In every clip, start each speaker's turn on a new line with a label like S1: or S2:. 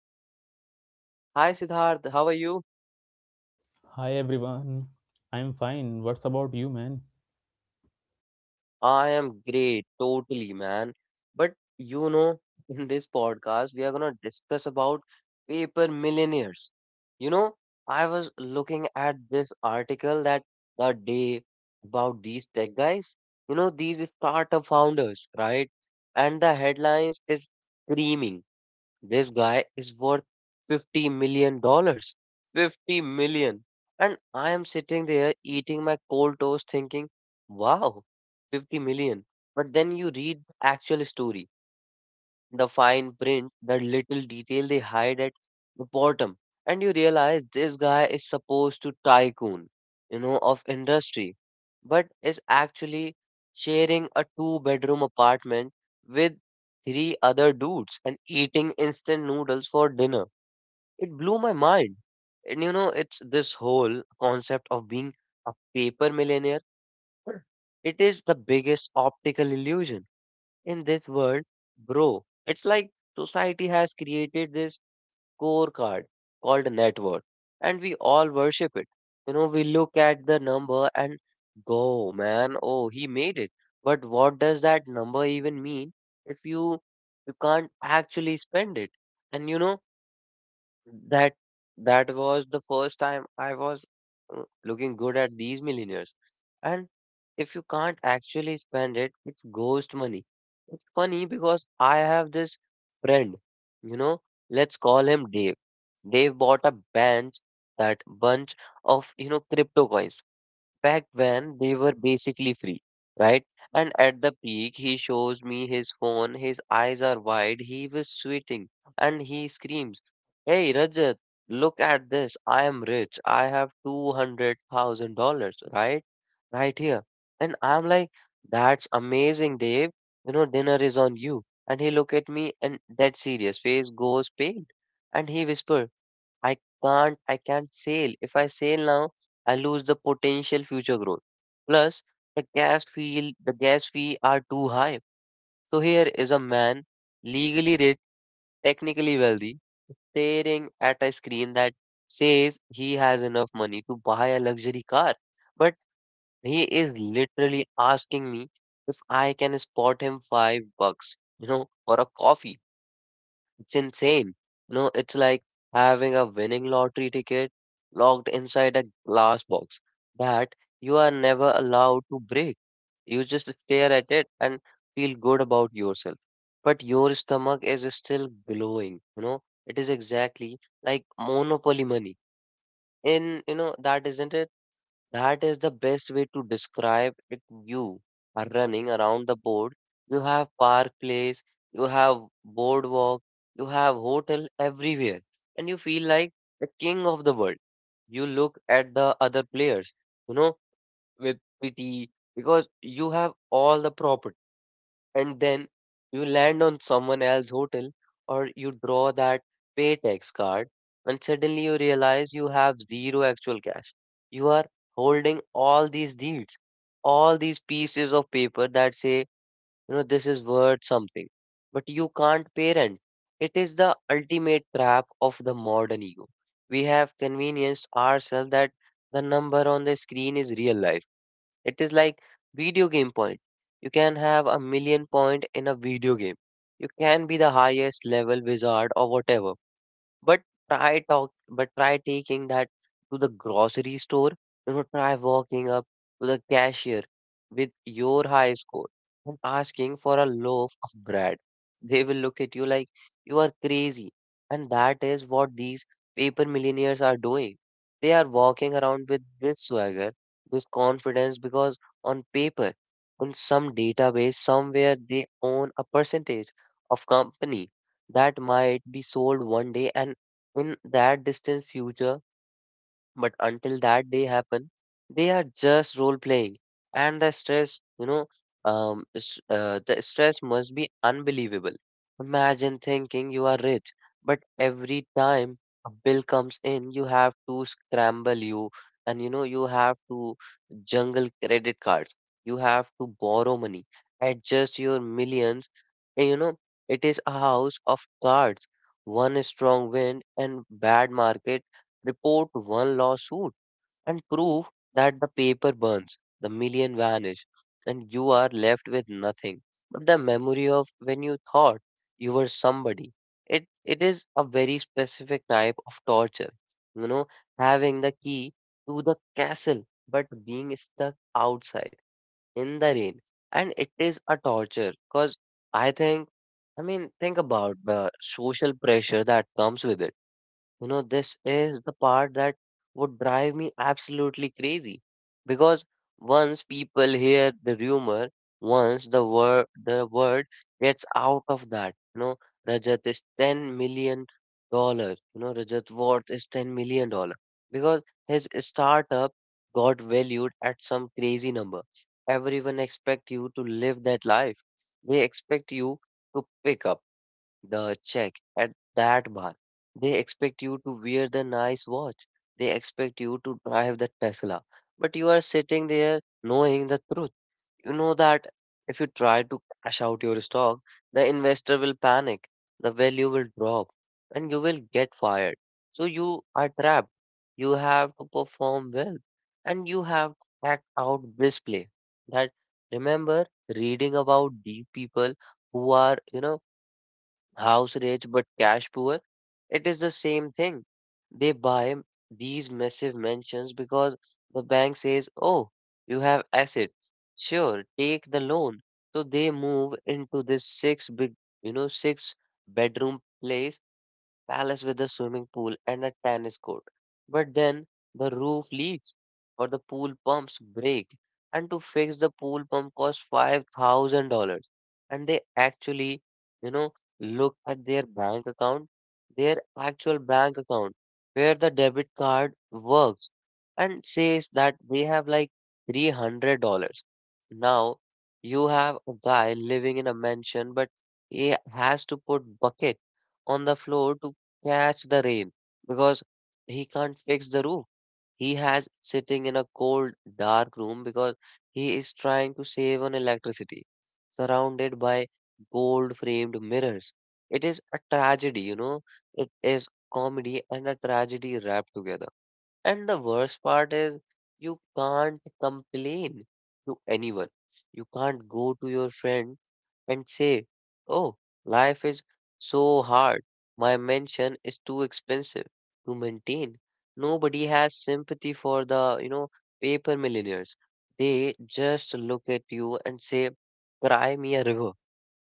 S1: host, Siddharth. Hi, Siddharth. How are you?
S2: Hi everyone. I'm fine. What's about you, man?
S1: I am great, totally, man. But in this podcast, we are gonna discuss about paper millionaires. You know, I was looking at this article that the day about these tech guys, these startup founders, right? And the headlines is screaming. This guy is worth $50 million. 50 million. And I am sitting there eating my cold toast thinking, wow, 50 million. But then you read the actual story the fine print, the little detail they hide at the bottom. And you realize this guy is supposed to tycoon, of industry, but is actually sharing a two-bedroom apartment with three other dudes and eating instant noodles for dinner. It blew my mind. And it's this whole concept of being a paper millionaire. It is the biggest optical illusion in this world, bro. It's like society has created this scorecard called net worth, and we all worship it. We look at the number and go, man, oh, he made it. But what does that number even mean if you can't actually spend it? And that that was the first time I was looking good at these millionaires. And if you can't actually spend it, it's ghost money. It's funny because I have this friend, you know, let's call him Dave. Dave bought a bunch that bunch of, crypto coins back when they were basically free, right? And at the peak, he shows me his phone. His eyes are wide. He was sweating, and he screams, "Hey, Rajat, look at this! I am rich. I have $200,000, right here." And I'm like, "That's amazing, Dave. Dinner is on you." And he look at me, and that serious face goes pale, and he whisper. I I can't sell. If I sell now, I lose the potential future growth. Plus, the gas fee are too high. So here is a man, legally rich, technically wealthy, staring at a screen that says he has enough money to buy a luxury car. But he is literally asking me if I can spot him $5, for a coffee. It's insane. It's like having a winning lottery ticket locked inside a glass box that you are never allowed to break. You just stare at it and feel good about yourself. But your stomach is still glowing. It is exactly like monopoly money. In, you know, that isn't That is the best way to describe it. You are running around the board. You have park place, you have boardwalk, you have hotel everywhere, and you feel like the king of the world. You look at the other players, you know, with pity, because you have all the property, and then you land on someone else's hotel, or you draw that paytex card, and suddenly you realize you have zero actual cash. You are holding all these deeds, all these pieces of paper that say, this is worth something, but you can't pay rent. It is the ultimate trap of the modern ego. We have convenienced ourselves that the number on the screen is real life. It is like video game point. You can have a million point in a video game. You can be the highest level wizard or whatever. But try taking that to the grocery store. Try walking up to the cashier with your high score and asking for a loaf of bread. They will look at you like you are crazy. And that is what these paper millionaires are doing. They are walking around with this swagger, this confidence, because on paper, on some database, somewhere they own a percentage of company that might be sold one day and in that distant future, but until that day happen, they are just role playing, and the stress, you know, s- the stress must be unbelievable. Imagine thinking you are rich, but every time a bill comes in, you have to scramble you, and you know you have to jungle credit cards. You have to borrow money, adjust your millions. And it is a house of cards. One strong wind and bad market report, one lawsuit, and prove that the paper burns, the million vanish, and you are left with nothing but the memory of when you thought you were somebody. It is a very specific type of torture, you know, having the key to the castle but being stuck outside in the rain. And it is a torture because I think I mean think about the social pressure that comes with it. This is the part that would drive me absolutely crazy, because once people hear the rumor, once the word gets out of that, Rajat is $10 million. Rajat worth is $10 million because his startup got valued at some crazy number. Everyone expect you to live that life. They expect you to pick up the check at that bar. They expect you to wear the nice watch. They expect you to drive the Tesla. But you are sitting there knowing the truth. You know that if you try to cash out your stock, the investor will panic, the value will drop, and you will get fired. So you are trapped. You have to perform well, and you have to act out briskly. That Remember reading about deep people who are, house rich but cash poor, it is the same thing. They buy these massive mansions because the bank says, oh, you have asset. Sure, take the loan. So they move into this six-bedroom place palace with a swimming pool and a tennis court. But then the roof leaks or the pool pumps break. And to fix the pool pump costs $5,000. And they actually, you know, look at their bank account, their actual bank account, where the debit card works, and says that they have like $300. Now you have a guy living in a mansion, but he has to put bucket on the floor to catch the rain because he can't fix the roof. He has sitting in a cold, dark room because he is trying to save on electricity, surrounded by gold framed mirrors. It is a tragedy. It is comedy and a tragedy wrapped together. And the worst part is you can't complain to anyone. You can't go to your friend and say, "Oh, life is so hard. My mansion is too expensive to maintain." Nobody has sympathy for the paper millionaires. They just look at you and say, "Cry me a river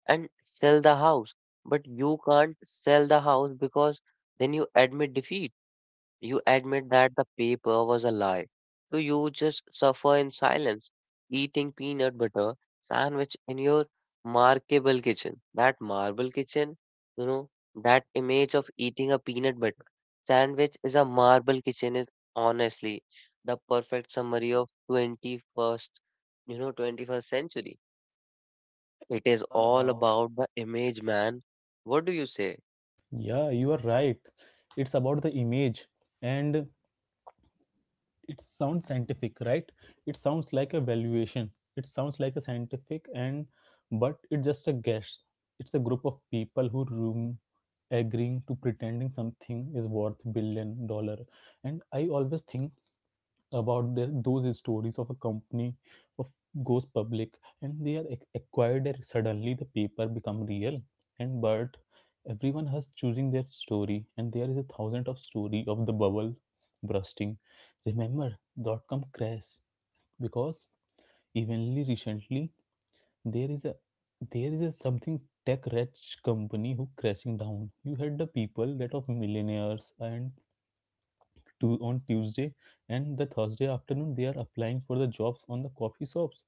S1: and sell the house." But you can't sell the house because then you admit defeat. You admit that the paper was a lie. So you just suffer in silence, eating peanut butter sandwich in your markable kitchen. That marble kitchen, you know, that image of eating a peanut butter sandwich is a marble kitchen is honestly the perfect summary of 21st century. It is
S2: All
S1: all
S2: about—
S1: about the image, man. What do you say?
S2: yeah, you are right. It's about the image and it sounds scientific, right? It sounds like a valuation. It sounds like a scientific and but it's just a guess. It's a group of people who room agreeing to pretending something is worth billion dollars. And I always think about their, those stories of a company of goes public and they are acquired and suddenly the paper become real and but everyone has choosing their story and there is a thousand of story of the bubble bursting. Remember dot com crash, because evenly recently there is a there is a something tech rich company who crashing down. You had the people that of millionaires and to, on Tuesday and the Thursday afternoon they are applying for the jobs on the coffee shops.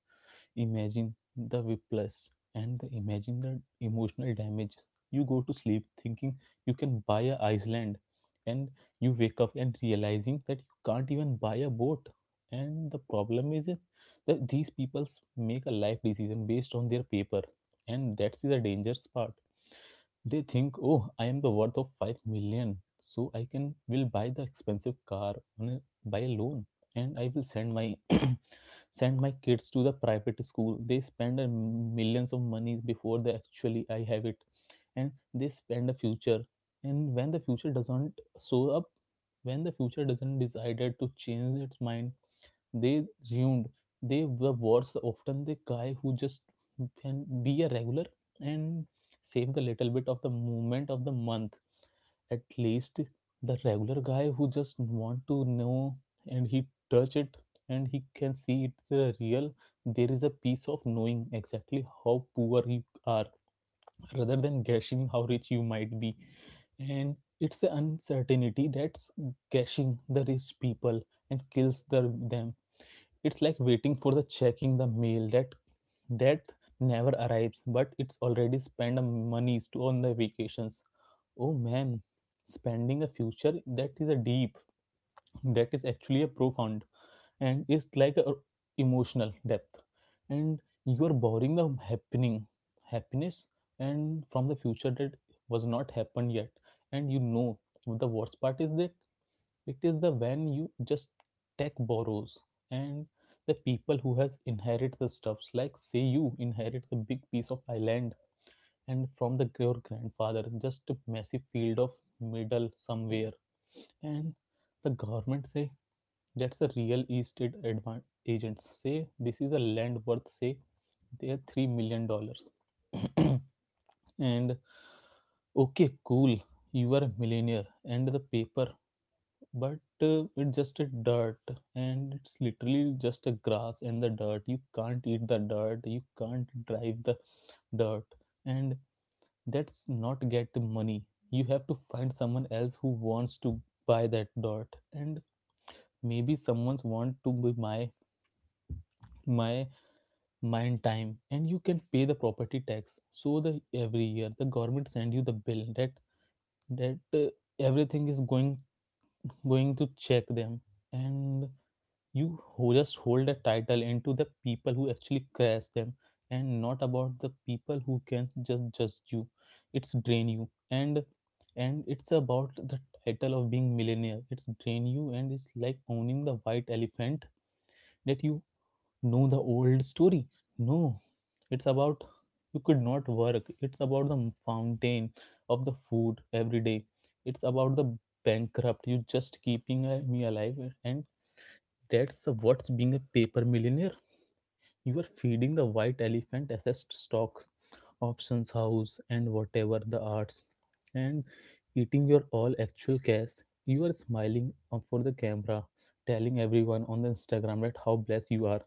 S2: Imagine the whiplash and the, imagine the emotional damage. You go to sleep thinking you can buy a Iceland and you wake up and realizing that you can't even buy a boat. And the problem is it that these people make a life decision based on their paper, and that's the dangerous part. They think, oh, I am the worth of 5 million, so I can will buy the expensive car on a, by a loan and I will send my send my kids to the private school. They spend a millions of money before they actually I have it and they spend a future, and when the future doesn't show up, when the future doesn't decided to change its mind, they ruined. They were worse often the guy who just can be a regular and save the little bit of the movement of the month. At least the regular guy who just want to know, and he touch it, and he can see it the real. There is a piece of knowing exactly how poor you are rather than guessing how rich you might be, and it's the uncertainty that's gushing the rich people and kills the, them. It's like waiting for the checking the mail that that never arrives, but it's already spent the monies to on the vacations. Oh man, spending a future, that is a deep, that is actually a profound, and it's like a emotional depth. And you are borrowing the happening, happiness, and from the future that was not happened yet. And you know the worst part is that it is the when you just tech borrows and the people who has inherit the stuffs, like say you inherit the big piece of island and from the your grandfather, just a massive field of middle somewhere, and the government say, that's a real estate agents say this is a land worth say they are 3 million dollars. And okay cool, you are a millionaire and the paper, but it's just a dirt, and it's literally just a grass and the dirt. You can't eat the dirt, you can't drive the dirt. And that's not get money. You have to find someone else who wants to buy that dirt, and maybe someone's want to be my mind time, and you can pay the property tax, so the every year the government send you the bill that that everything is going going to check them. And you who just hold a title into the people who actually crash them, and not about the people who can just judge you, it's drain you, and it's about the title of being millionaire. It's drain you, and it's like owning the white elephant. That you know the old story? No, it's about you could not work, it's about the fountain of the food every day, it's about the bankrupt you just keeping me alive. And that's what's being a paper millionaire. You are feeding the white elephant assets, stock, options, house, and whatever the arts, and eating your all actual cash. You are smiling up for the camera, telling everyone on the Instagram that how blessed you are,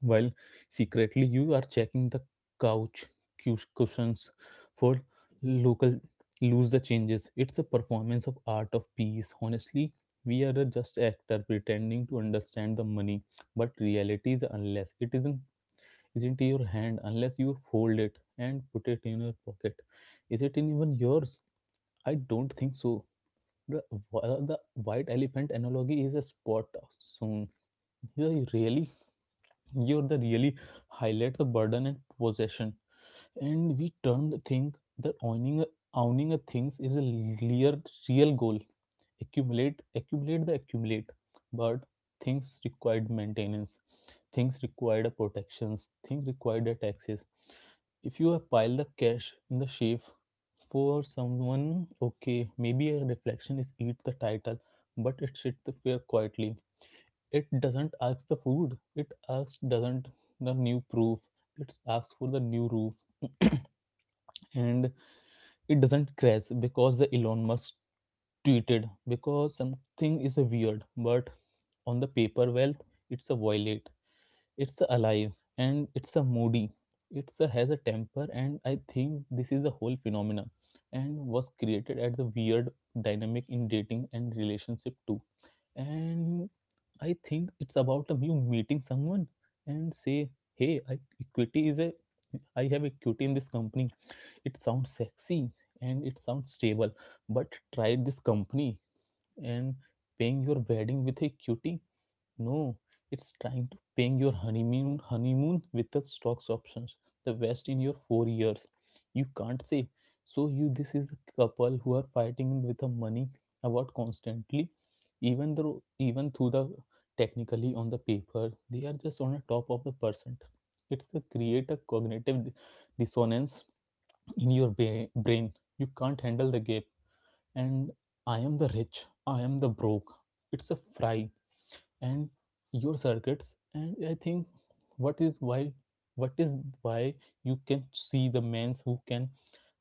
S2: while secretly you are checking the couch cushions for local lose the changes. It's a performance of art of peace, honestly. We are a just actor pretending to understand the money, but reality is unless it isn't in your hand, unless you fold it and put it in your pocket, is it in even yours? I don't think so. The, the white elephant analogy is a spot soon. Yeah, really. You're the really highlight the burden and possession. And we turn the thing that owning a things is a real, real goal. Accumulate, accumulate the accumulate. But things required maintenance. Things required a protections. Things required a taxes. If you have piled the cash in the safe for someone, okay, maybe a reflection is eat the title, but it sit the fear quietly. It doesn't ask the food, it asks doesn't the new proof, it asks for the new roof. And it doesn't crash because the Elon Musk tweeted, because something is a weird, but on the paper wealth, it's a violet, it's a alive, and it's a moody, it's a has a temper. And I think this is the whole phenomena and was created at the weird dynamic in dating and relationship too. And I think it's about a you meeting someone and say, hey, I, equity is a, I have equity in this company. It sounds sexy and it sounds stable, but try this company and paying your wedding with equity. No, it's trying to paying your honeymoon with the stocks options, the best in your 4 years. You can't say. So you, this is a couple who are fighting with the money about constantly, even though even through the technically on the paper, they are just on the top of the percent. It's the create a cognitive dissonance in your brain. You can't handle the gap. And I am the rich, I am the broke. It's a fry and your circuits. And I think what is why, what is why you can see the mans who can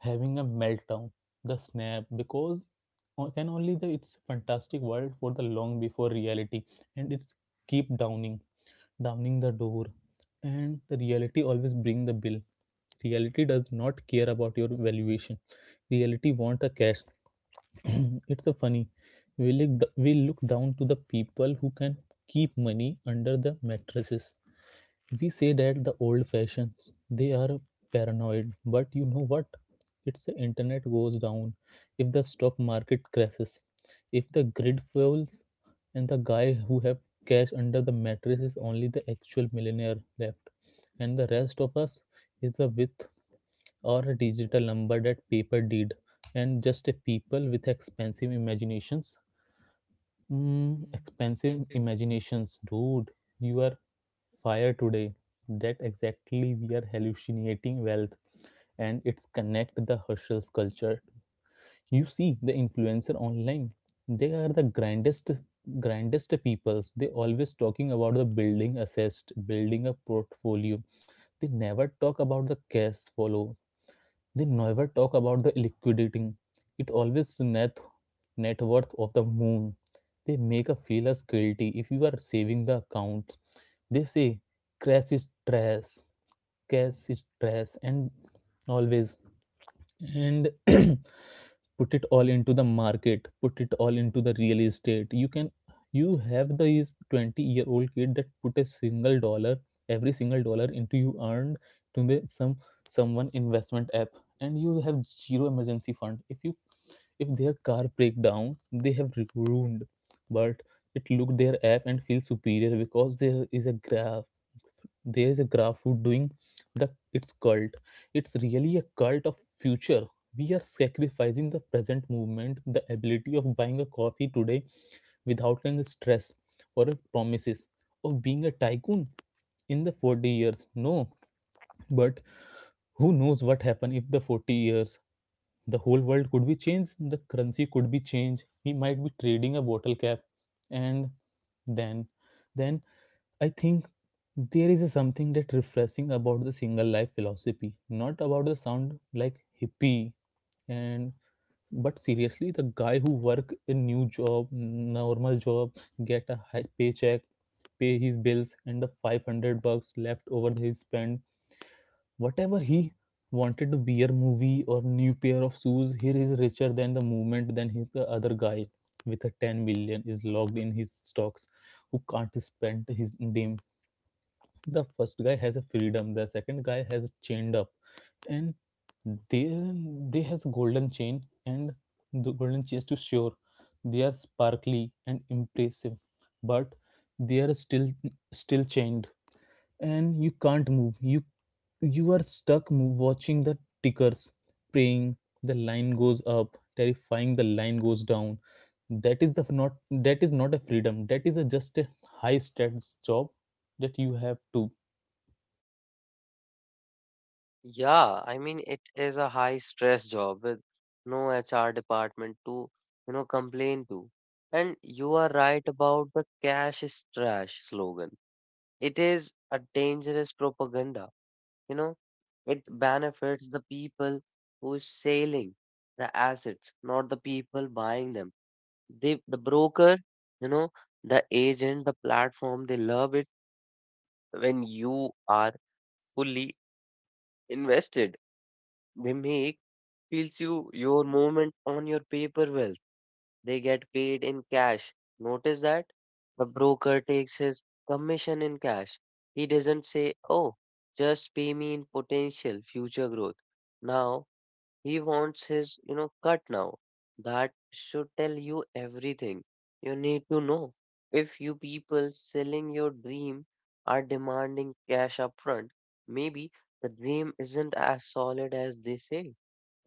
S2: having a meltdown the snap, because o- can only the it's fantastic world for the long before reality, and it's keep downing damning the door, and the reality always bring the bill. Reality does not care about your valuation, reality want a cash. It's a funny. We look down to the people who can keep money under the mattresses. We say that the old fashions they are paranoid, but you know what, it's the internet goes down, if the stock market crashes, if the grid fails, and the guy who have cash under the mattress is only the actual millionaire left, and the rest of us is the width or a digital number that paper did, and just a people with expensive imaginations. Mm, expensive imaginations, dude. You are fire today. That exactly we are hallucinating wealth, and it's connect the hustle culture. You see the influencer online, they are the grandest peoples. They always talking about the building assessed, building a portfolio. They never talk about the cash follow, they never talk about the liquidating. It always net worth of the moon. They make us feel us guilty if you are saving the account. They say cash is trash, cash is trash, and always, and put it all into the market, put it all into the real estate. You can, you have the 20-year-old kid that put a single dollar, every single dollar into you earned to the some someone investment app, and you have zero emergency fund. If you, if their car break down, they have ruined. But it look their app and feel superior, because there is a gra there is a graph who doing the its cult. It's really a cult of future. We are sacrificing the present movement, the ability of buying a coffee today without any stress, or promises of being a tycoon in the 40 years. No, but who knows what happen if the 40 years, the whole world could be changed, the currency could be changed, we might be trading a bottle cap. And then then I think there is a something that refreshing about the single life philosophy, not about the sound like hippie, and but seriously the guy who work a new job normal job, get a high paycheck, pay his bills, and the $500 left over he spent whatever he wanted to be a movie or new pair of shoes, here is richer than the movement than his the other guy with a 10 million is locked in his stocks who can't spend his damn. The first guy has a freedom, the second guy has chained up. And they they has golden chain, and the golden chains to sure they are sparkly and impressive, but they are still still chained And you can't move. You are stuck watching the tickers, praying the line goes up, terrifying, the line goes down. That is not a freedom, that is a just a high stats job that you have to.
S1: Yeah, I mean it is a high stress job with no HR department to, complain to. And you are right about the cash is trash slogan. It is a dangerous propaganda, you know. It benefits the people who is selling the assets, not the people buying them. They, the broker, you know, the agent, the platform, they love it when you are fully invested. They make feels you your movement on your paper wealth. They get paid in cash. Notice that the broker takes his commission in cash. He doesn't say, "Oh, just pay me in potential future growth." Now he wants his, cut now. That should tell you everything you need to know. If you people selling your dream are demanding cash upfront, maybe the dream isn't as solid as they say.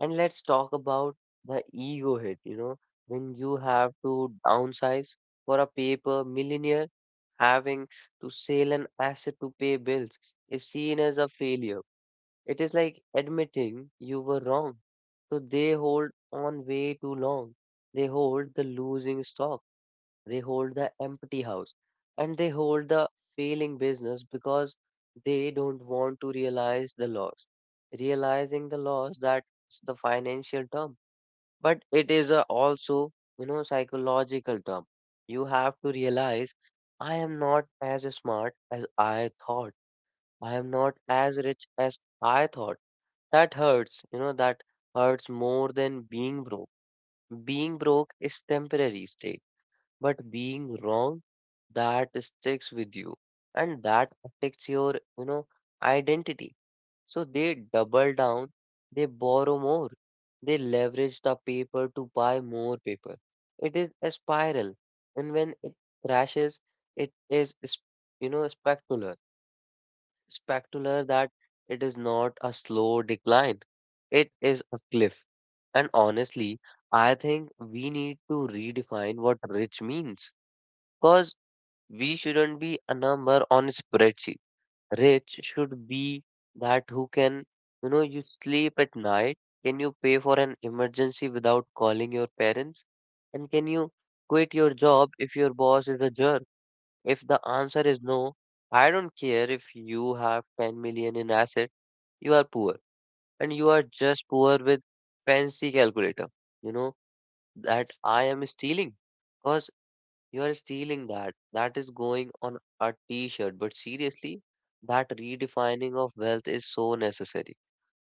S1: And let's talk about the ego hit, when you have to downsize. For a paper millionaire, having to sell an asset to pay bills is seen as a failure. It is like admitting you were wrong. So they hold on way too long. They hold the losing stock, they hold the empty house, and they hold the failing business because they don't want to realize the loss. Realizing the loss, that's the financial term, but it is a also psychological term. You have to realize I am not as smart as I thought, I am not as rich as I thought. That hurts, you know, that hurts more than being broke. Being broke is temporary state, but being wrong, that sticks with you, and that affects your, identity. So they double down, they borrow more, they leverage the paper to buy more paper. It is a spiral, and when it crashes, it is spectacular. Spectacular that it is not a slow decline, it is a cliff. And honestly, I think we need to redefine what rich means, because we shouldn't be a number on a spreadsheet. Rich should be that who can, you sleep at night. Can you pay for an emergency without calling your parents? And can you quit your job if your boss is a jerk? If the answer is no, I don't care if you have 10 million in asset, you are poor. And you are just poor with fancy calculator. You know, that I am stealing. Because. You are stealing that. That is going on a t-shirt. But seriously, that redefining of wealth is so necessary.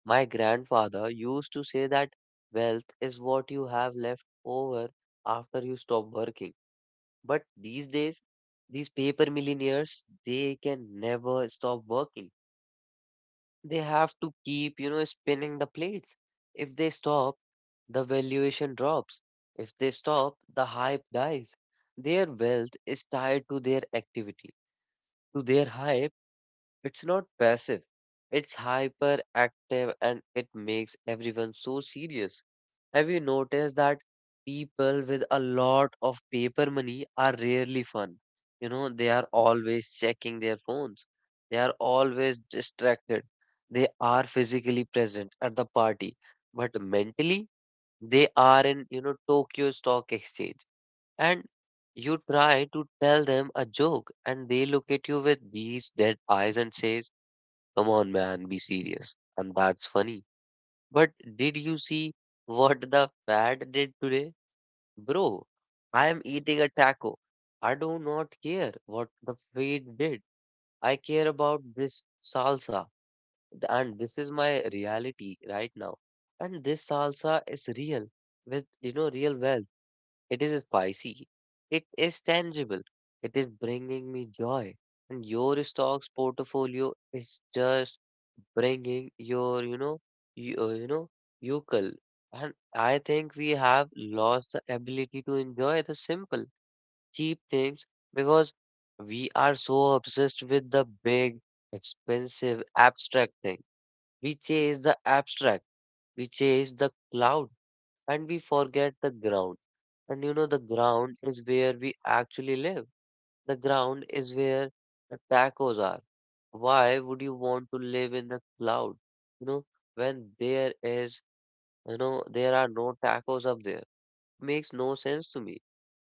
S1: My grandfather used to say that wealth is what you have left over after you stop working. But these days, these paper millionaires, they can never stop working. They have to keep, spinning the plates. If they stop, the valuation drops. If they stop, the hype dies. Their wealth is tied to their activity, to their hype. It's not passive, it's hyperactive, and it makes everyone so serious. Have you noticed that people with a lot of paper money are rarely fun? They are always checking their phones. They are always distracted. They are physically present at the party, but mentally they are in, Tokyo Stock Exchange. And you try to tell them a joke and they look at you with these dead eyes and says, "Come on, man, be serious." And that's funny, but did you see what the fad did today? Bro, I am eating a taco. I do not care what the fad did. I care about this salsa. And this is my reality right now. And this salsa is real with, real wealth. It is spicy. It is tangible. It is bringing me joy. And your stocks portfolio is just bringing your, you, yokel. And I think we have lost the ability to enjoy the simple, cheap things because we are so obsessed with the big, expensive, abstract thing. We chase the abstract. We chase the cloud, and we forget the ground. And the ground is where we actually live. The ground is where the tacos are. Why would you want to live in the cloud? You know, when there is, there are no tacos up there. Makes no sense to me.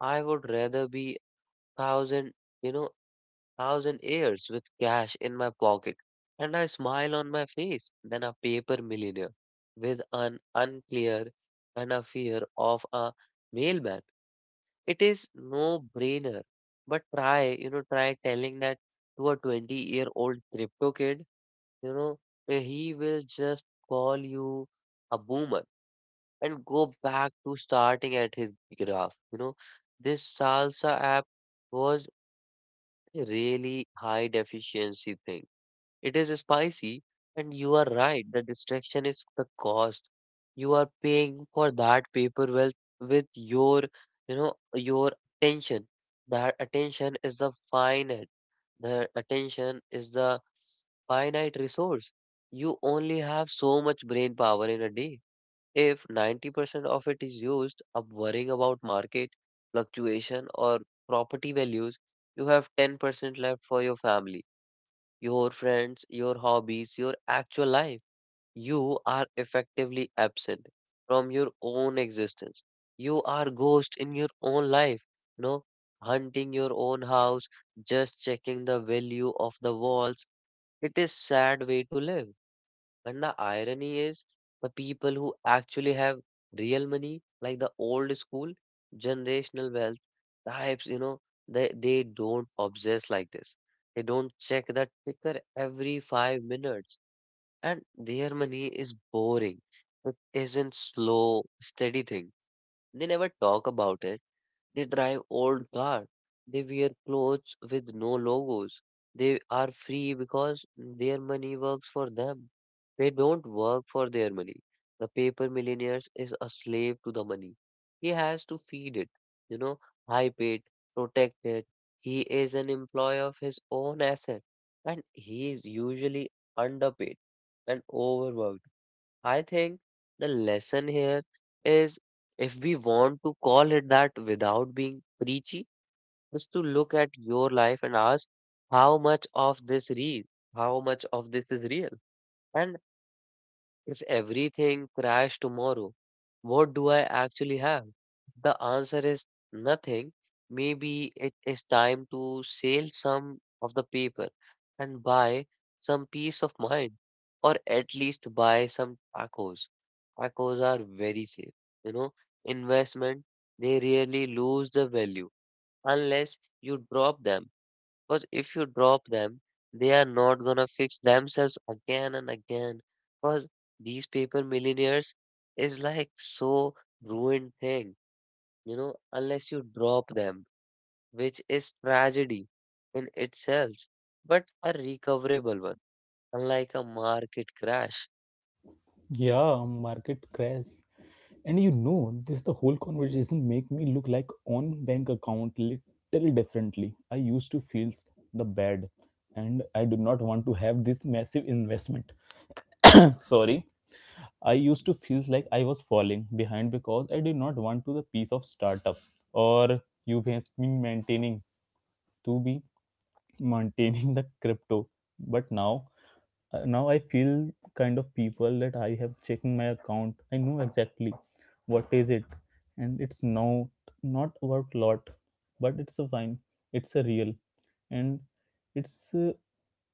S1: I would rather be thousand, you know, thousand years with cash in my pocket and a smile on my face than a paper millionaire with an unclear and a fear of a mailman. It is no brainer. But try, try telling that to a 20-year-old crypto kid, you know, he will just call you a boomer and go back to starting at his graph. You know, this Salsa app was a really high deficiency thing. It is spicy, and you are right. The distraction is the cost. You are paying for that paper wealth with your, your attention. That attention is the finite. The attention is the finite resource. You only have so much brain power in a day. If 90% of it is used up worrying about market fluctuation or property values, you have 10% left for your family, your friends, your hobbies, your actual life. You are effectively absent from your own existence. You are ghost in your own life, no? Hunting your own house, just checking the value of the walls. It is sad way to live. And the irony is, the people who actually have real money, like the old school generational wealth types, they don't obsess like this. They don't check the ticker every 5 minutes. And their money is boring. It isn't slow, steady thing. They never talk about it. They drive old cars. They wear clothes with no logos. They are free because their money works for them. They don't work for their money. The paper millionaires is a slave to the money. He has to feed it, you know, hype it, protect it. He is an employee of his own asset, and he is usually underpaid and overworked. I think the lesson here is, if we want to call it that without being preachy, is to look at your life and ask how much of this real, how much of this is real, and if everything crashed tomorrow, what do I actually have? The answer is nothing. Maybe it is time to sell some of the paper and buy some peace of mind, or at least buy some tacos. Tacos are very safe. You know, investment, they really lose the value unless you drop them. Because if you drop them, they are not gonna fix themselves again and again. Because these paper millionaires is like so ruined thing, unless you drop them, which is tragedy in itself, but a recoverable one, unlike a market crash.
S2: Yeah, market crash. And you know, this the whole conversation make me look like on bank account little differently. I used to feel the bad, and I do not want to have this massive investment. Sorry. I used to feel like I was falling behind because I did not want to the piece of startup, or you have been maintaining to be maintaining the crypto, but now I feel kind of people that I have checking my account, I know exactly what is it, and it's not about lot, but it's a fine, it's a real, and it's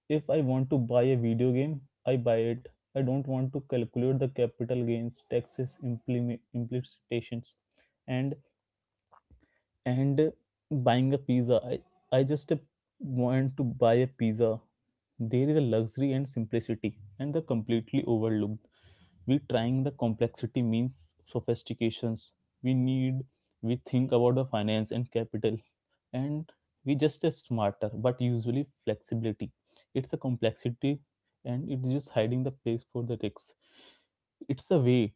S2: if I want to buy a video game, I buy it. I don't want to calculate the capital gains taxes implementations, and and buying a pizza. I just want to buy a pizza. There is a luxury and simplicity, and the completely overlooked. We trying the complexity means sophistications. We need we think about the finance and capital, and we just a smarter, but usually flexibility. It's a complexity, and it's just hiding the place for the risks, it's a way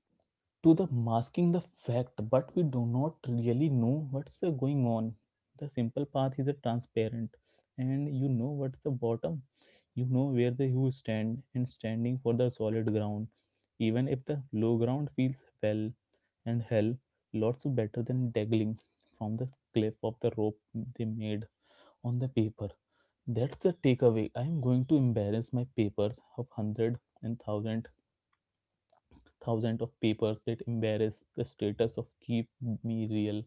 S2: to the masking the fact, but we do not really know what's going on. The simple path is a transparent, and you know what's the bottom. You know where the you stand, and standing for the solid ground, even if the low ground feels well and hell lots better than dangling from the cliff of the rope they made on the paper. That's the takeaway. I am going to embarrass my papers of hundred and thousand, thousands of papers that embarrass the status of keep me real,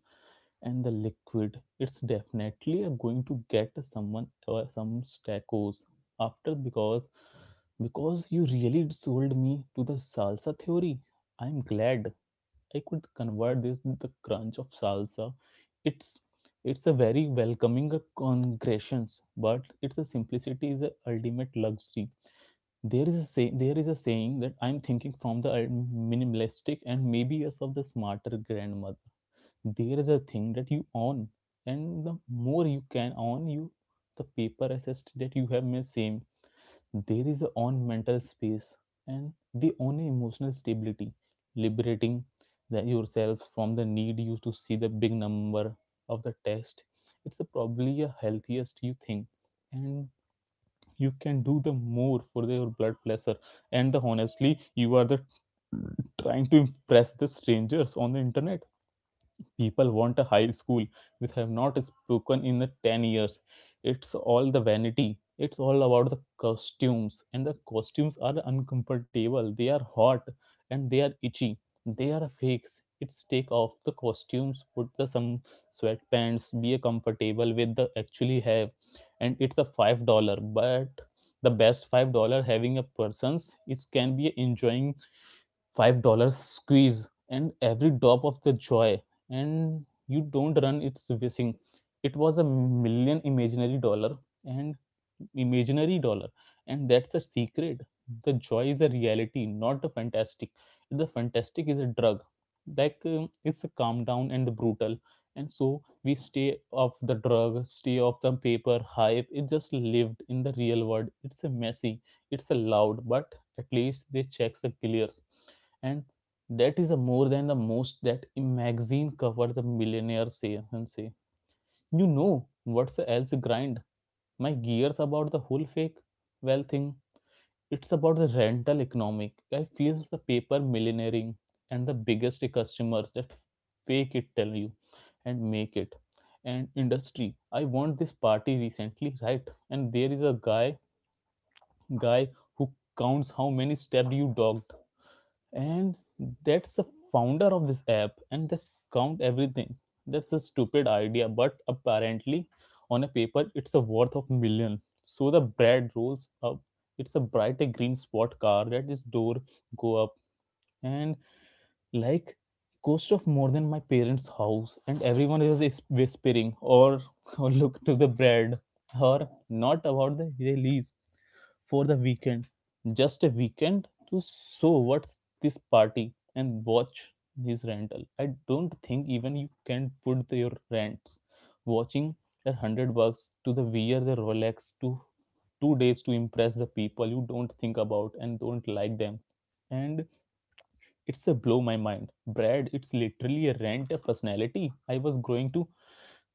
S2: and the liquid, it's definitely going to get someone or some stacos after, because you really sold me to the salsa theory. I'm glad I could convert this to the crunch of salsa. It's it's a very welcoming congressions, but its a simplicity is a ultimate luxury. There is a saying that I'm thinking from the minimalistic, and maybe yes of the smarter grandmother. There is a thing that you own, and the more you can own you, the paper assessed that you have may same. There is a own mental space, and the own emotional stability, liberating the, yourself from the need you to see the big number of the text. It's a, probably a healthiest you think, and you can do the more for their blood pleasure. And the honestly, you are the trying to impress the strangers on the internet, people want a high school which have not spoken in the 10 years. It's all the vanity, it's all about the costumes, and the costumes are uncomfortable, they are hot and they are itchy, they are fakes. It's take off the costumes, put the some sweatpants, be comfortable with the actually have, and it's a $5, but the best $5 having a person's, it can be enjoying $5 squeeze and every drop of the joy, and you don't run it's whizzing. It was a million imaginary dollar, and imaginary dollar, and that's a secret. The joy is a reality, not a fantastic. The fantastic is a drug, like it's a calm down and the brutal, and so we stay off the drug, stay off the paper hype, it just lived in the real world. It's a messy, it's a loud, but at least they checks the clears, and that is a more than the most that a magazine cover the millionaire say and say. You know what's else grind? My gears about the whole fake well thing. It's about the rental economic. I feel the paper millionairing and the biggest customers that fake it tell you and make it. And industry. I want this party recently, right? And there is a guy who counts how many steps you dogged, and that's the founder of this app, and that's count everything. That's a stupid idea, but apparently on a paper it's a worth of million, so the bread rolls up. It's a brighter green sport car that is door go up, and like cost of more than my parents house, and everyone is whispering or or look to the bread, or not about the release for the weekend. Just a weekend to show what's this party and watch his rental. I don't think even you can put your rents. Watching $100 to the wear the Rolex to 2 days to impress the people you don't think about and don't like them. And it's a blow my mind. Brad, it's literally a rent a personality. I was going to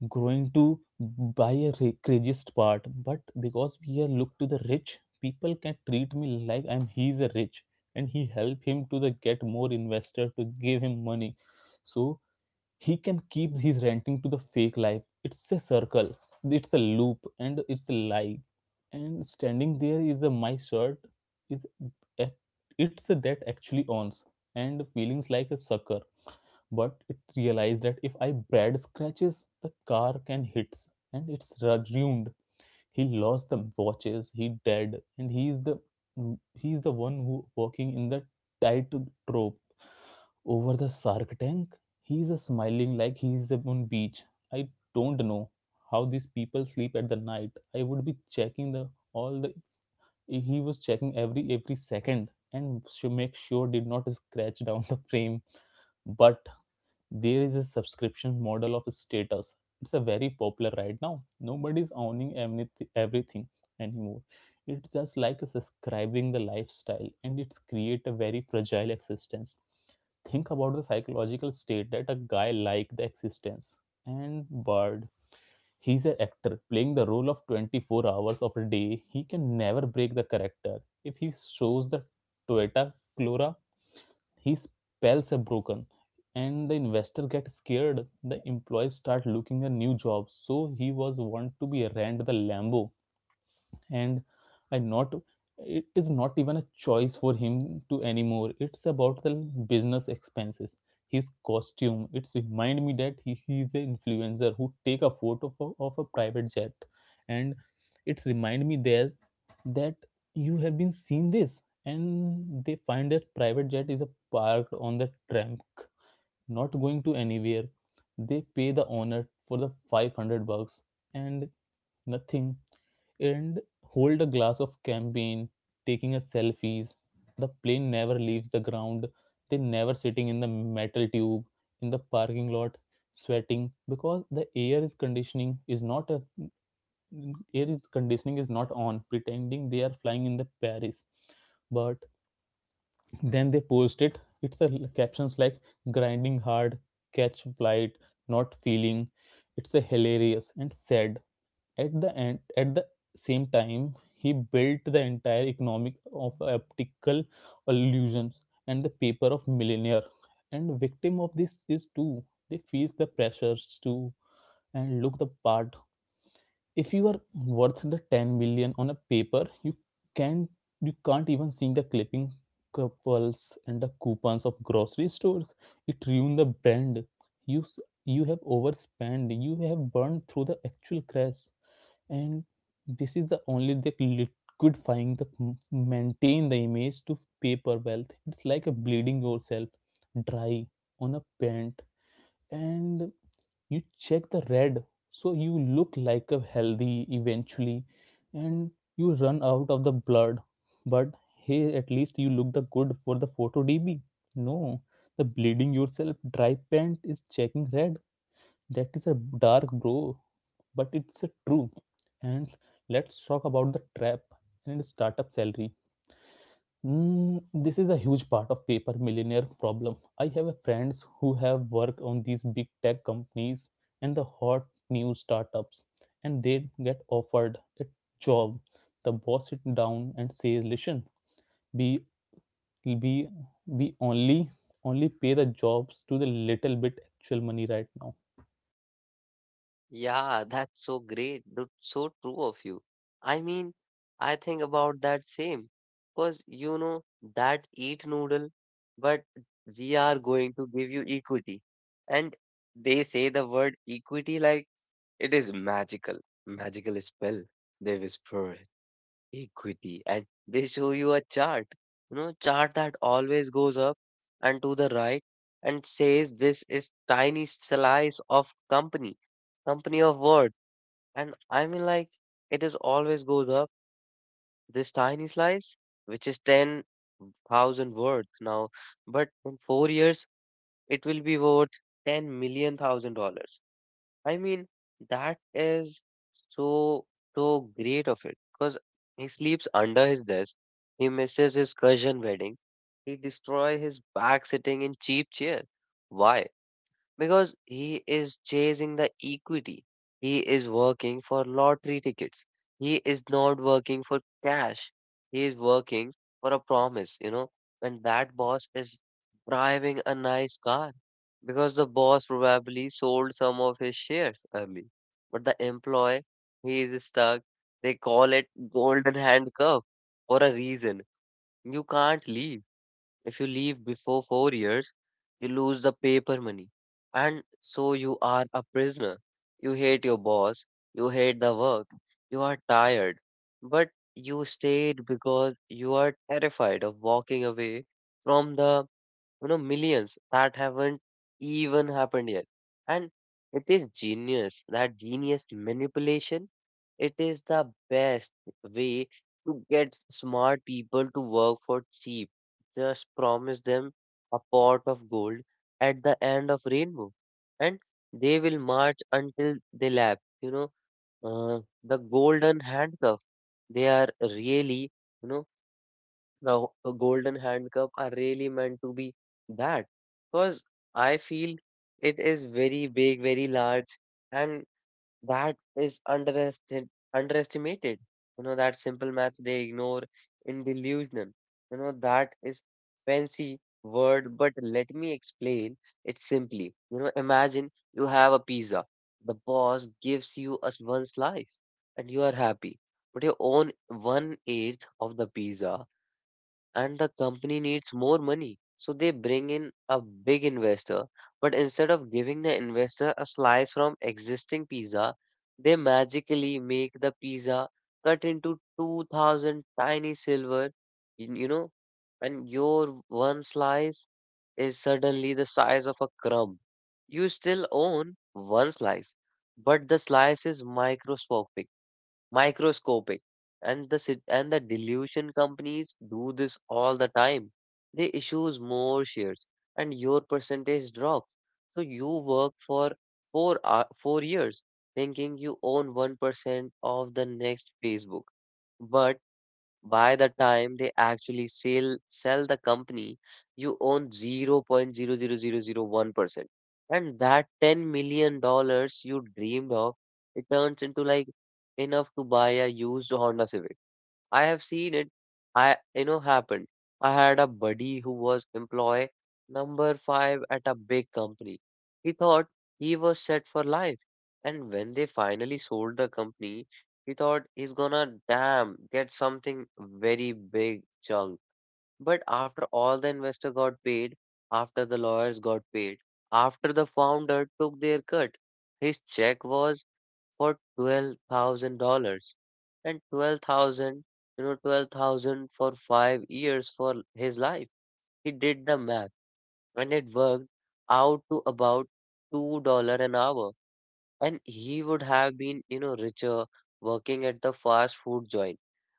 S2: growing to buy a craziest part, but because we are look to the rich people can treat me like I'm he's a rich, and he help him to the get more investor to give him money, so he can keep his renting to the fake life. It's a circle, it's a loop, and it's a lie, and standing there is a my shirt is a- it's a that actually owns, and feelings like a sucker, but it realized that if I Brad scratches, the car can hits and it's ruined. He lost the watches, he dead, and he's the one who working in the tight trope over the shark tank. He's a smiling like he's on beach. I don't know how these people sleep at the night. I would be checking the all the he was checking every second and make sure did not scratch down the frame. But there is a subscription model of status, it's a very popular right now. Nobody's owning everything anymore, it's just like subscribing the lifestyle, and it's create a very fragile existence. Think about the psychological state that a guy like the existence and bird, he's an actor playing the role of 24 hours of a day, he can never break the character. If he shows the Toyota Corolla, his spells are broken, and the investor gets scared, the employees start looking at new jobs, so he was want to be rent the lambo. And I not It is not even a choice for him to anymore, it's about the business expenses. His costume, it's remind me that he is an influencer who take a photo of a private jet, and it's remind me there that you have been seen this, and they find that private jet is a parked on the tram, not going to anywhere. They pay the owner for the $500 and nothing, and hold a glass of champagne, taking a selfies. The plane never leaves the ground, they never sitting in the metal tube in the parking lot, sweating because the air is conditioning is not on, pretending they are flying in the Paris. But then they post it. It's a captions like grinding hard, catch flight, not feeling. It's a hilarious and sad at the end at the same time. He built the entire economic of optical illusions, and the paper of millionaire and victim of this is too, they feel the pressures too and look the part. If you are worth the 10 million on a paper, can you can't even see the clipping couples and the coupons of grocery stores, it ruined the brand. You you have overspent, you have burned through the actual crash, and this is the only the liquidifying the maintain the image to paper wealth. It's like a bleeding yourself dry on a paint, and you check the red so you look like a healthy eventually, and you run out of the blood. But hey, at least you look the good for the photo db. No, the bleeding yourself dry paint is checking red, that is a dark bro, but it's a true. And let's talk about the trap and startup salary. Mm, this is a huge part of paper millionaire problem. I have a friends who have worked on these big tech companies and the hot new startups, and they get offered a job. The boss sit down and says, "Listen, we we we only pay the jobs to the little bit actual money right now."
S1: Yeah, that's so great. That's so true of you. I mean, I think about that same. Because you know that eat noodle, but we are going to give you equity. And they say the word equity like it is magical, magical spell, they whisper equity and they show you a chart, chart that always goes up and to the right, and says this is tiny slice of company of worth, and I mean like it is always goes up. This tiny slice which is 10,000 worth now, but in 4 years it will be worth 10 million thousand dollars. I mean, that is so, so great of it because he sleeps under his desk. He misses his cousin wedding. He destroy his back sitting in cheap chair. Why? Because he is chasing the equity. He is working for lottery tickets. He is not working for cash. He is working for a promise, you know. And that boss is driving a nice car because the boss probably sold some of his shares early. But the employee, he is stuck. They call it golden handcuff for a reason. You can't leave. If you leave before 4 years, you lose the paper money. And so you are a prisoner. You hate your boss. You hate the work. You are tired. But you stayed because you are terrified of walking away from the millions that haven't even happened yet, and it is genius, that genius manipulation. It is the best way to get smart people to work for cheap. Just promise them a pot of gold at the end of rainbow, and they will march until they lap. Uh, the golden handcuff, they are really, golden handcuff are really meant to be that, because I feel it is very big, very large, and that is underestimated. You know, that simple math they ignore in delusion. You know, that is fancy word, but let me explain it simply. You know, imagine you have a pizza. The boss gives you a one slice and you are happy. But you own one eighth of the pizza and the company needs more money. So they bring in a big investor, but instead of giving the investor a slice from existing pizza, they magically make the pizza cut into 2000 tiny silver, you you know, and your one slice is suddenly the size of a crumb. You still own one slice, but the slice is microscopic, microscopic and the dilution companies do this all the time. They issues more shares and your percentage drops. So you work for 4 years thinking you own 1% of the next Facebook, but by the time they actually sell the company, you own 0.00001%. And that 10 million dollars you dreamed of, it turns into like enough to buy a used Honda Civic. I have seen it. I happened. I had a buddy who was employee number five at a big company. He thought he was set for life, and when they finally sold the company, he thought he's gonna damn get something very big chunk. But after all the investor got paid, after the lawyers got paid, after the founder took their cut, his check was for $12,000. And 12,000, 12,000 for 5 years for his life. He did the math and it worked out to about $2 an hour. And he would have been, richer working at the fast food joint.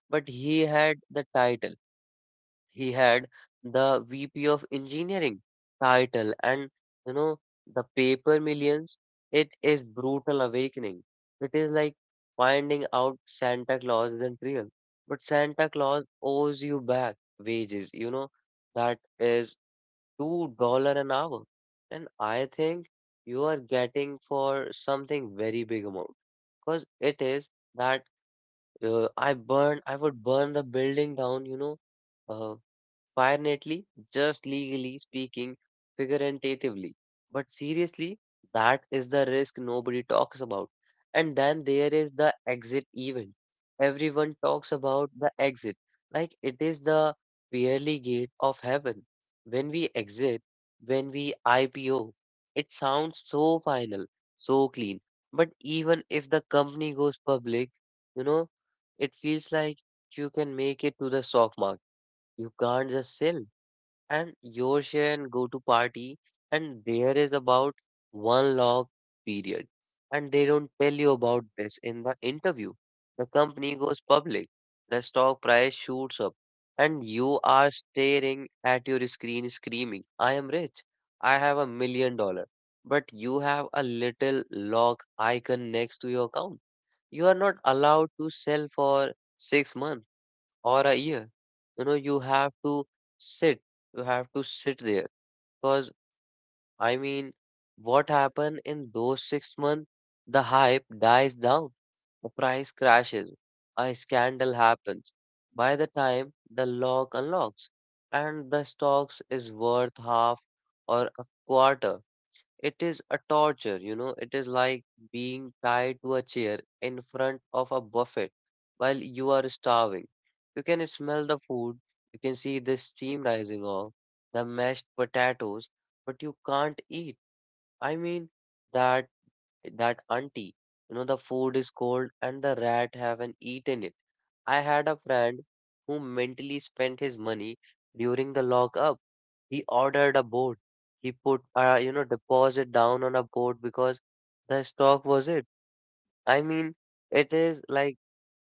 S1: But he had the title he had the VP of engineering title and, you know, the paper millions. It is brutal awakening. It is like finding out Santa Claus isn't real, but Santa Claus owes you back wages, you know. That is $2 an hour. And I think you are getting for something very big amount because it is that, I would burn the building down, you know. uh. Finally, just legally speaking, figuratively. But seriously, that is the risk nobody talks about. And then there is the exit event. Everyone talks about the exit, like it is the pearly gate of heaven. When we exit, when we IPO, it sounds so final, so clean. But even if the company goes public, you know, it feels like you can make it to the stock market, you can't just sell. And your share and go to party, and there is about one law period. And they don't tell you about this in the interview. The company goes public, the stock price shoots up, and you are staring at your screen screaming, I am rich, I have $1 million. But you have a little lock icon next to your account. You are not allowed to sell for 6 months or a year, you know. You have to sit sit there because, i mean what happened in those 6 months? The hype dies down, the price crashes, a scandal happens. By the time the lock unlocks and the stocks is worth half or a quarter, it is a torture, you know. It is like being tied to a chair in front of a buffet while you are starving. You can smell the food, you can see the steam rising off the mashed potatoes, but you can't eat. I mean, that that auntie, the food is cold and the rat haven't eaten it. I had a friend who mentally spent his money during the lockup. He ordered a boat. He put, you know, deposit down on a boat because the stock was it. I mean, it is like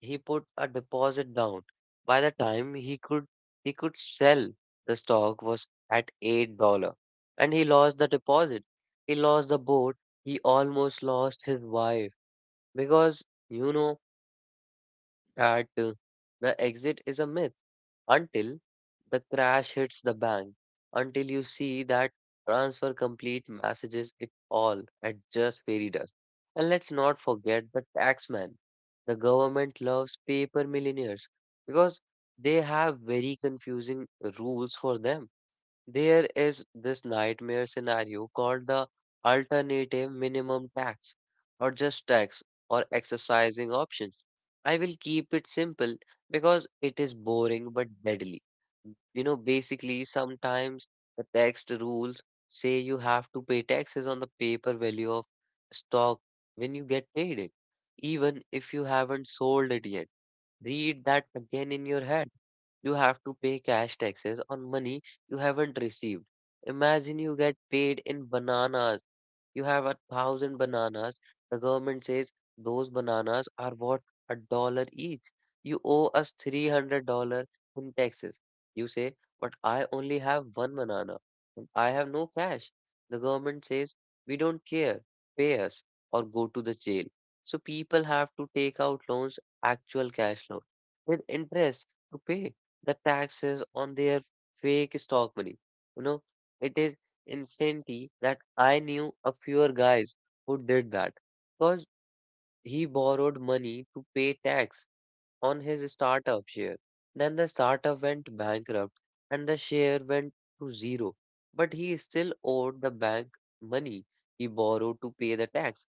S1: he put a deposit down. By the time he could sell, the stock was at $8, and he lost the deposit. He lost the boat. He almost lost his wife because, you know, that the exit is a myth until the crash hits the bank, until you see that transfer complete messages it all at just fairy dust. And let's not forget the taxman. The government loves paper millionaires because they have very confusing rules for them. There is this nightmare scenario called the alternative minimum tax or just tax or exercising options. I will keep it simple because it is boring but deadly. You know, basically, sometimes the tax rules say you have to pay taxes on the paper value of stock when you get paid it, even if you haven't sold it yet. Read that again in your head. You have to pay cash taxes on money you haven't received. Imagine you get paid in bananas, you have a thousand bananas. The government says those bananas are worth a dollar each. You owe us $300 in taxes. You say, but I only have one banana and I have no cash. The government says, we don't care. Pay us or go to the jail. So people have to take out loans, actual cash loan, with interest to pay the taxes on their fake stock money. You know, it is insanity that I knew a few guys who did that because he borrowed money to pay tax on his startup share. Then the startup went bankrupt and the share went to zero. But he still owed the bank money he borrowed to pay the tax.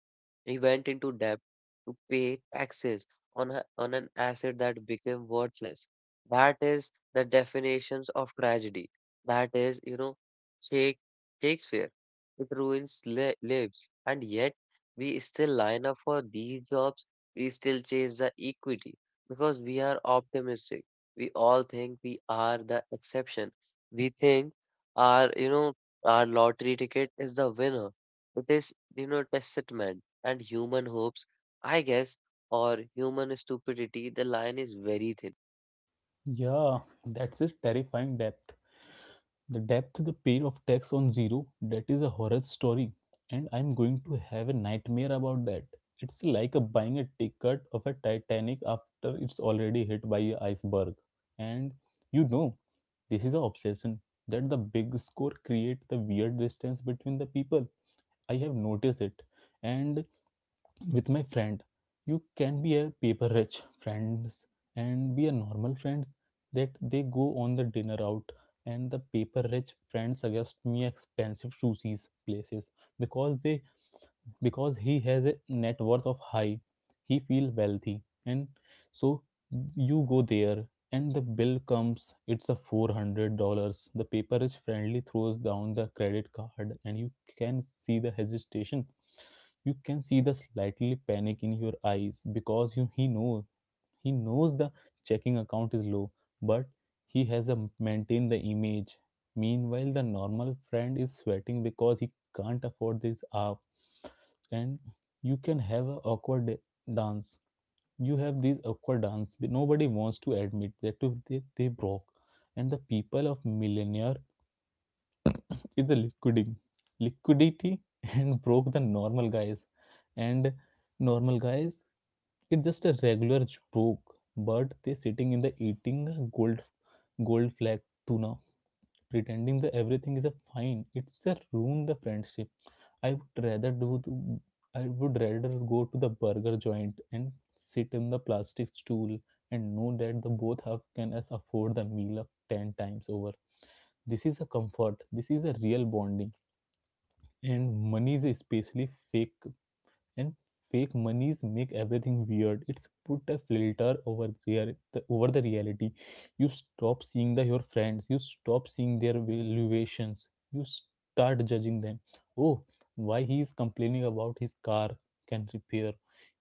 S1: He went into debt to pay taxes on, on an asset that became worthless. That is the definitions of tragedy. That is, you know, Shake- Shakespeare. It ruins lives. And yet, we still line up for these jobs. We still chase the equity because we are optimistic. We all think we are the exception. We think our, you know, our lottery ticket is the winner. It is, you know, testament and human hopes, I guess, or human stupidity, the line is very thin.
S2: Yeah, that's a terrifying depth. The depth, the pair of text on zero, that is a horror story, and I'm going to have a nightmare about that. It's like a buying a ticket of a Titanic after it's already hit by an iceberg. And you know, this is an obsession that the big score create the weird distance between the people. I have noticed it, and with my friend you can be a paper rich friends and be a normal friends that they go on the dinner out and the paper rich friends suggest me expensive sushis places because they because he has a net worth of high he feel wealthy and so you go there and the bill comes it's a $400. The paper is friendly throws down the credit card and you can see the hesitation. You can see the slightly panic in your eyes he knows the checking account is low, but he has a maintain the image. Meanwhile, the normal friend is sweating because he can't afford this app, and you can have an awkward dance. You have these awkward dance. Nobody wants to admit they broke, and the people of millionaire is the liquiding liquidity and broke the and normal guys it's just a regular broke, but they sitting in the eating gold gold flag tuna pretending that everything is a fine it's a ruin the friendship. I would rather do the- I would rather go to the burger joint and sit in the plastic stool and know that the both have can us afford the meal of 10 times over. This is a comfort. This is a real bonding. And monies, especially fake and fake monies, make everything weird. It's put a filter over the reality. You stop seeing the your friends. You stop seeing their valuations. You start judging them. Oh, why he is complaining about his car can repair?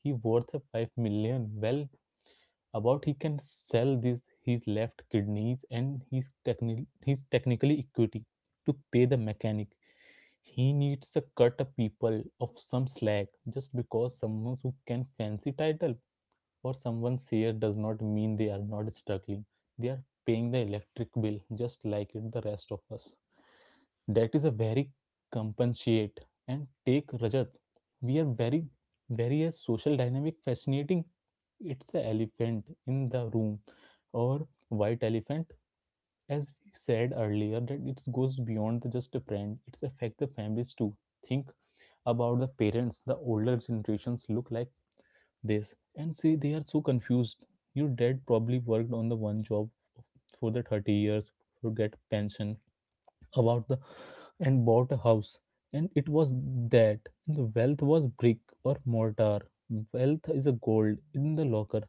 S2: He worth a 5 million. Well, about he can sell this his left kidneys and his technically equity to pay the mechanic. He needs a cut a people of some slack just because someone who can fancy title for someone's here does not mean they are not struggling. They are paying the electric bill just like it the rest of us. That is a very compensate and take Rajat. We are very a social dynamic fascinating. It's a elephant in the room or white elephant as we said earlier that it goes beyond the just a friend it's affect the families too. Think about the parents. The older generations look like this and say they are so confused. Your dad probably worked on the one job for the 30 years to get pension about the and bought a house, and it was that the wealth was brick or mortar. Wealth is a gold in the locker.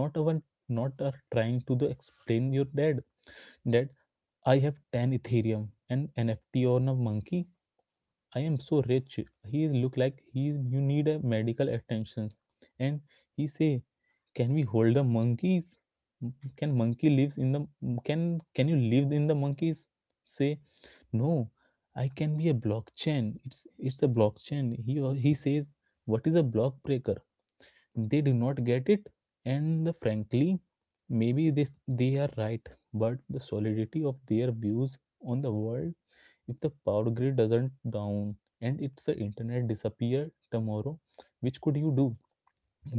S2: Not even not are trying to the explain your dad that I have 10 ethereum and nft on a monkey. I am so rich. He look like he you need a medical attention. And he say, can we hold the monkeys? Can monkey lives in the can you live in the monkeys? Say no. I can be a blockchain. It's a blockchain. He says, what is a block breaker? They do not get it. And the frankly, maybe this they are right, but the solidity of their views on the world. If the power grid doesn't down and its the internet disappear tomorrow, which could you do?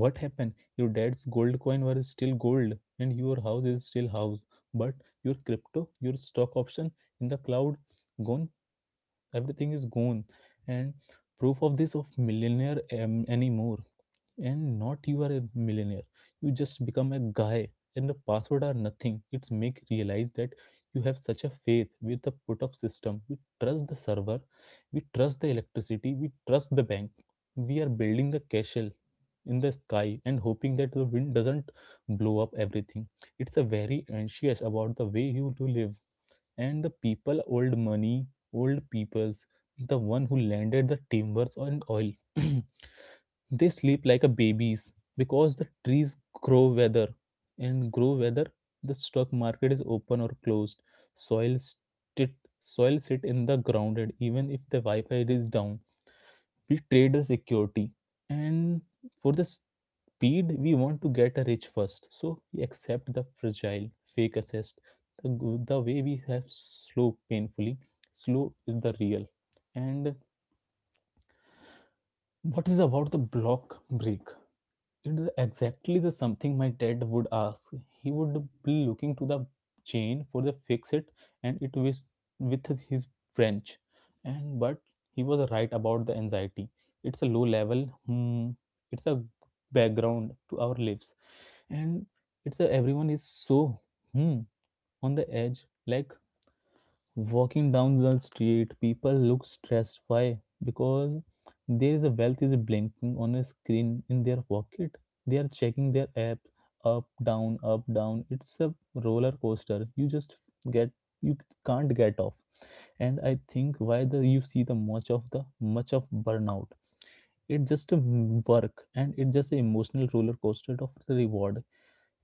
S2: What happened your dad's gold coin was still gold and your house is still house, but your crypto your stock option in the cloud gone, everything is gone, and proof of this of millionaire anymore. And not you are a millionaire you just become a guy, and the password are nothing it's make realize that you have such a faith with the put of system. We trust the server, we trust the electricity, we trust the bank. We are building the castle in the sky and hoping that the wind doesn't blow up everything. It's a very anxious about the way you to live. And the people old money old peoples, the one who landed the timbers and oil. They sleep like a babies because the trees grow weather and grow weather the stock market is open or closed. Soil sit soil sit in the grounded even if the Wi-Fi is down. We trade the security and for the speed we want to get rich first. So we accept the fragile fake assessed the way we have slow painfully slow is the real. And what is about the block break? It is exactly the something my dad would ask. He would be looking to the chain for the fix it, and it was with his French. And but he was right about the anxiety. It's a low level. It's a background to our lives, and it's a everyone is so hmm on the edge, like walking down the street people look stressed why? Because there is a wealth is blinking on a screen in their pocket, they are checking their app up down up down, it's a roller coaster you just get you can't get off. And I think why the you see the much of burnout. It's just a work, and it's just an emotional roller coaster of the reward.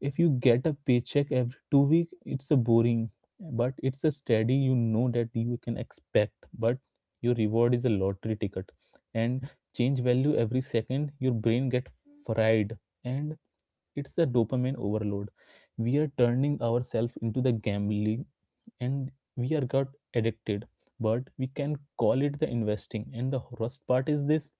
S2: If you get a paycheck every 2 week it's a boring, but it's a steady you know that you can expect. But your reward is a lottery ticket and change value every second your brain get fried, and it's a dopamine overload. We are turning ourselves into the gambling, and we are got addicted, but we can call it the investing. And the worst part is this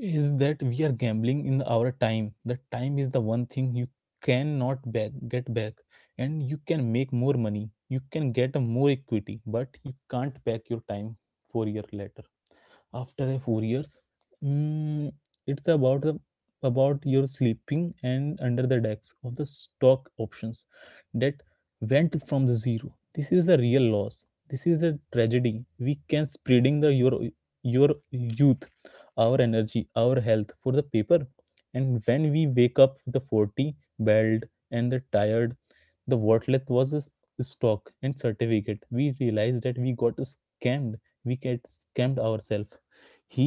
S2: is that we are gambling in our time. The time is the one thing you cannot back get back, and you can make more money. You can get a more equity, but you can't back your time 4 years later after a 4 years mm, it's about your sleeping and under the decks of the stock options that went from the zero. This is a real loss, this is a tragedy. We can spreading the your your youth our energy our health for the paper. And when we wake up with the 40 belt and the tired the worthless was a stock and certificate we realized that we got scammed. We get scammed ourselves. he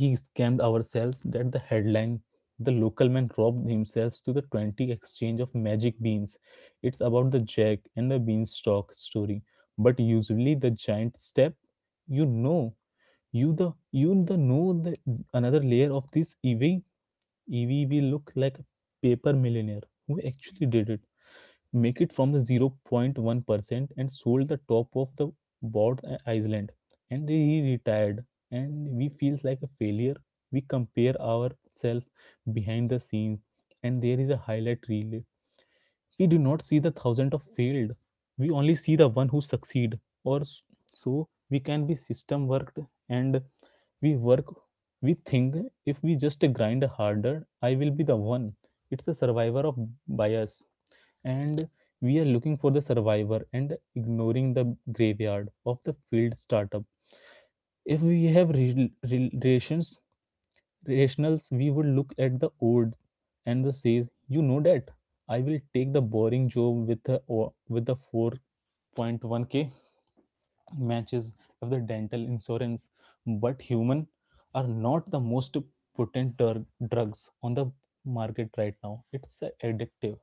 S2: he scammed ourselves. That the headline, the local man robbed himself to the 20 exchange of magic beans. It's about the jack and the beanstalk story. But usually the giant step, you know, you the know the another layer of this evie will look like a paper millionaire who actually did it make it from the 0.1% and sold the top of the board Iceland, and he retired and we feels like a failure. We compare ourselves behind the scenes, and there is a highlight reel we do not see the thousand of failed. We only see the one who succeed. Or so we can be system worked, and we work we think if we just grind harder I will be the one. It's a survivor of bias, and we are looking for the survivor and ignoring the graveyard of the field startup. If we have rel- rel- relations rationals we would look at the old and the says you know that I will take the boring job with the 4.1K matches of the dental insurance. But human are not the most potent drugs on the market right now. It's addictive,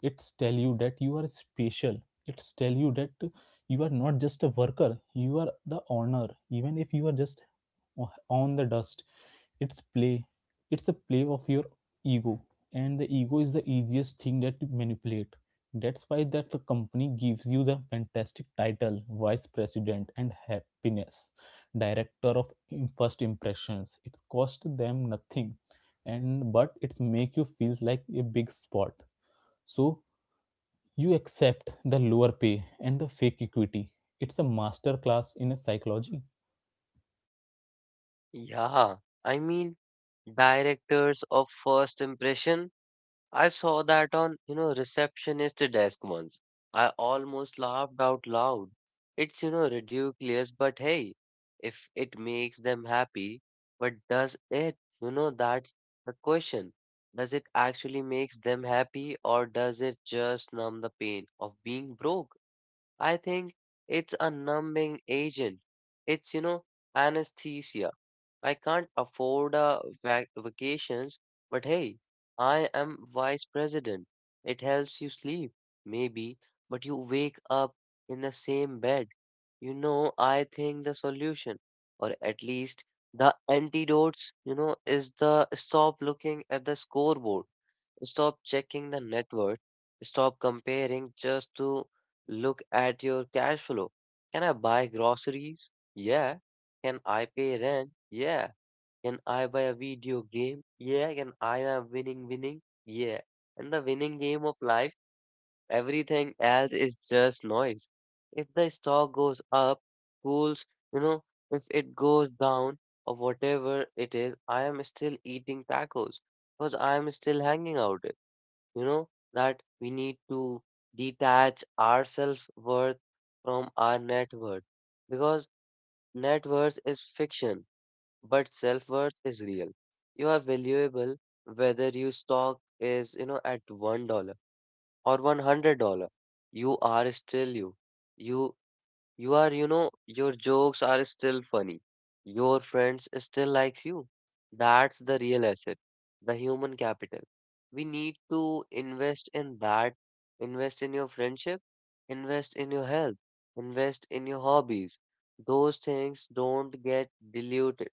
S2: it's tell you that you are special, it's tell you that you are not just a worker you are the owner even if you are just on the dust. it's play it's a play of your ego, and the ego is the easiest thing that to manipulate. That's why that the company gives you the fantastic title vice president and happiness director of first impressions. It cost them nothing, and but it's make you feel like a big spot. So you accept the lower pay and the fake equity. It's a master class in psychology.
S1: Yeah, I mean, directors of first impression. I saw that on, you know, receptionist desk once. I almost laughed out loud. It's, you know, ridiculous, but hey, if it makes them happy, but does it? You know, that's the question. Does it actually makes them happy or does it just numb the pain of being broke? I think it's a numbing agent. It's, you know, anesthesia. I can't afford a vacations, but hey, I am vice president. It helps you sleep, maybe, but you wake up in the same bed. You know, I think the solution, or at least the antidotes, you know, is the stop looking at the scoreboard. Stop checking the net worth. Stop comparing just to look at your cash flow. Can I buy groceries? Yeah. Can I pay rent? Yeah. Can I buy a video game? Yeah. Can I am winning, winning? Yeah. And the winning game of life, everything else is just noise. If the stock goes up, cools, you know, if it goes down or whatever it is, I am still eating tacos because I am still hanging out. You know that we need to detach our self worth from our net worth because net worth is fiction but self worth is real. You are valuable whether your stock is, you know, at $1 or $100. You are still you you are, you know, your jokes are still funny. Your friends still likes you. That's the real asset, the human capital. We need to invest in that, invest in your friendship, invest in your health, invest in your hobbies. Those things don't get diluted.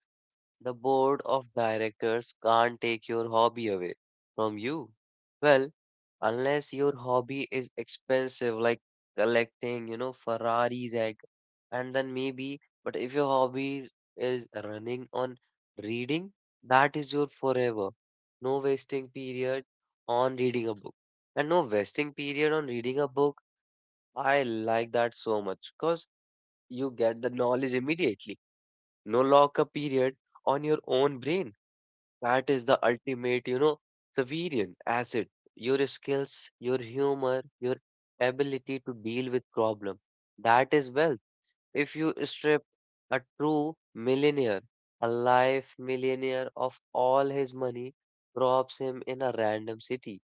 S1: The board of directors can't take your hobby away from you. Well, unless your hobby is expensive, like collecting, you know, Ferraris and then maybe, but if your hobby is running on reading, that is your forever. No wasting period on reading a book. And no wasting period on reading a book. I like that so much because you get the knowledge immediately. No lock period on your own brain, that is the ultimate, you know, Severian asset. Your skills, your humor, your ability to deal with problem. That is wealth. If you strip a true millionaire, a life millionaire of all his money, drops him in a random city.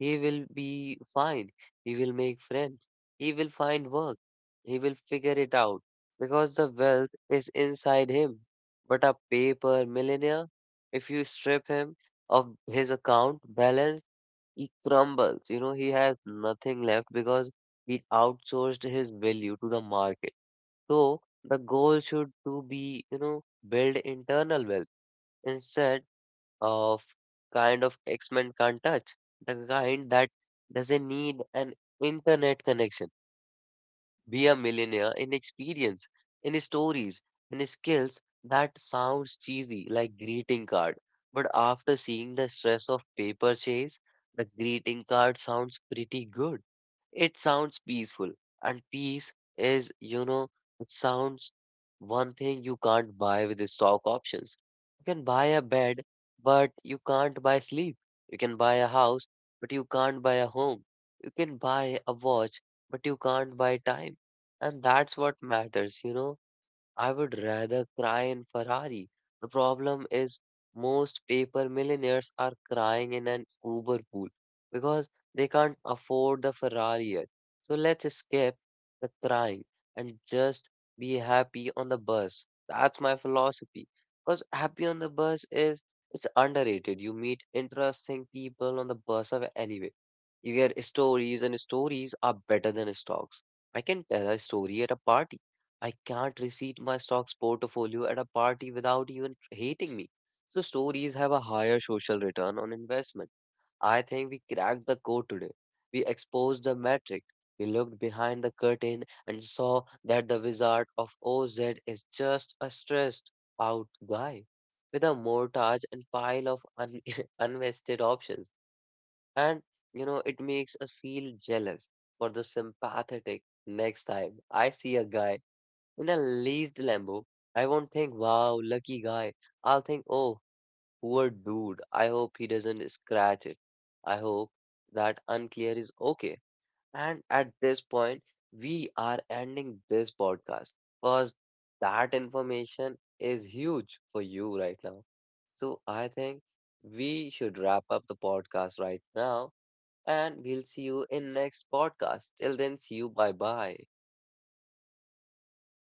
S1: He will be fine. He will make friends. He will find work. He will figure it out because the wealth is inside him. But a paper millionaire, if you strip him of his account balance, he crumbles. You know, he has nothing left because he outsourced his value to the market. So the goal should to be, you know, build internal wealth instead of kind of X-Men can't touch, the kind that doesn't need an internet connection. Be a millionaire in experience, in stories, in skills that sounds cheesy like greeting card. But after seeing the stress of paper chase, the greeting card sounds pretty good. It sounds peaceful. And peace is, you know, it sounds one thing you can't buy with the stock options. You can buy a bed, but you can't buy sleep. You can buy a house, but you can't buy a home. You can buy a watch, but you can't buy time. And that's what matters, you know. I would rather cry in Ferrari. The problem is most paper millionaires are crying in an Uber pool because they can't afford the Ferrari yet. So let's skip the crying and just be happy on the bus. That's my philosophy. Because happy on the bus is it's underrated. You meet interesting people on the bus of anyway. You get stories, and stories are better than stocks. I can tell a story at a party. I can't receipt my stocks portfolio at a party without even hating me. So, stories have a higher social return on investment. I think we cracked the code today. We exposed the metric. We looked behind the curtain and saw that the wizard of OZ is just a stressed out guy with a mortgage and pile of unvested options. And you know, it makes us feel jealous for the sympathetic next time I see a guy in a leased Lambo. I won't think, wow, lucky guy. I'll think, oh, poor dude. I hope he doesn't scratch it. I hope that unclear is okay. And at this point, we are ending this podcast because that information is huge for you right now. So I think we should wrap up the podcast right now and we'll see you in next podcast. Till then, see you. Bye bye.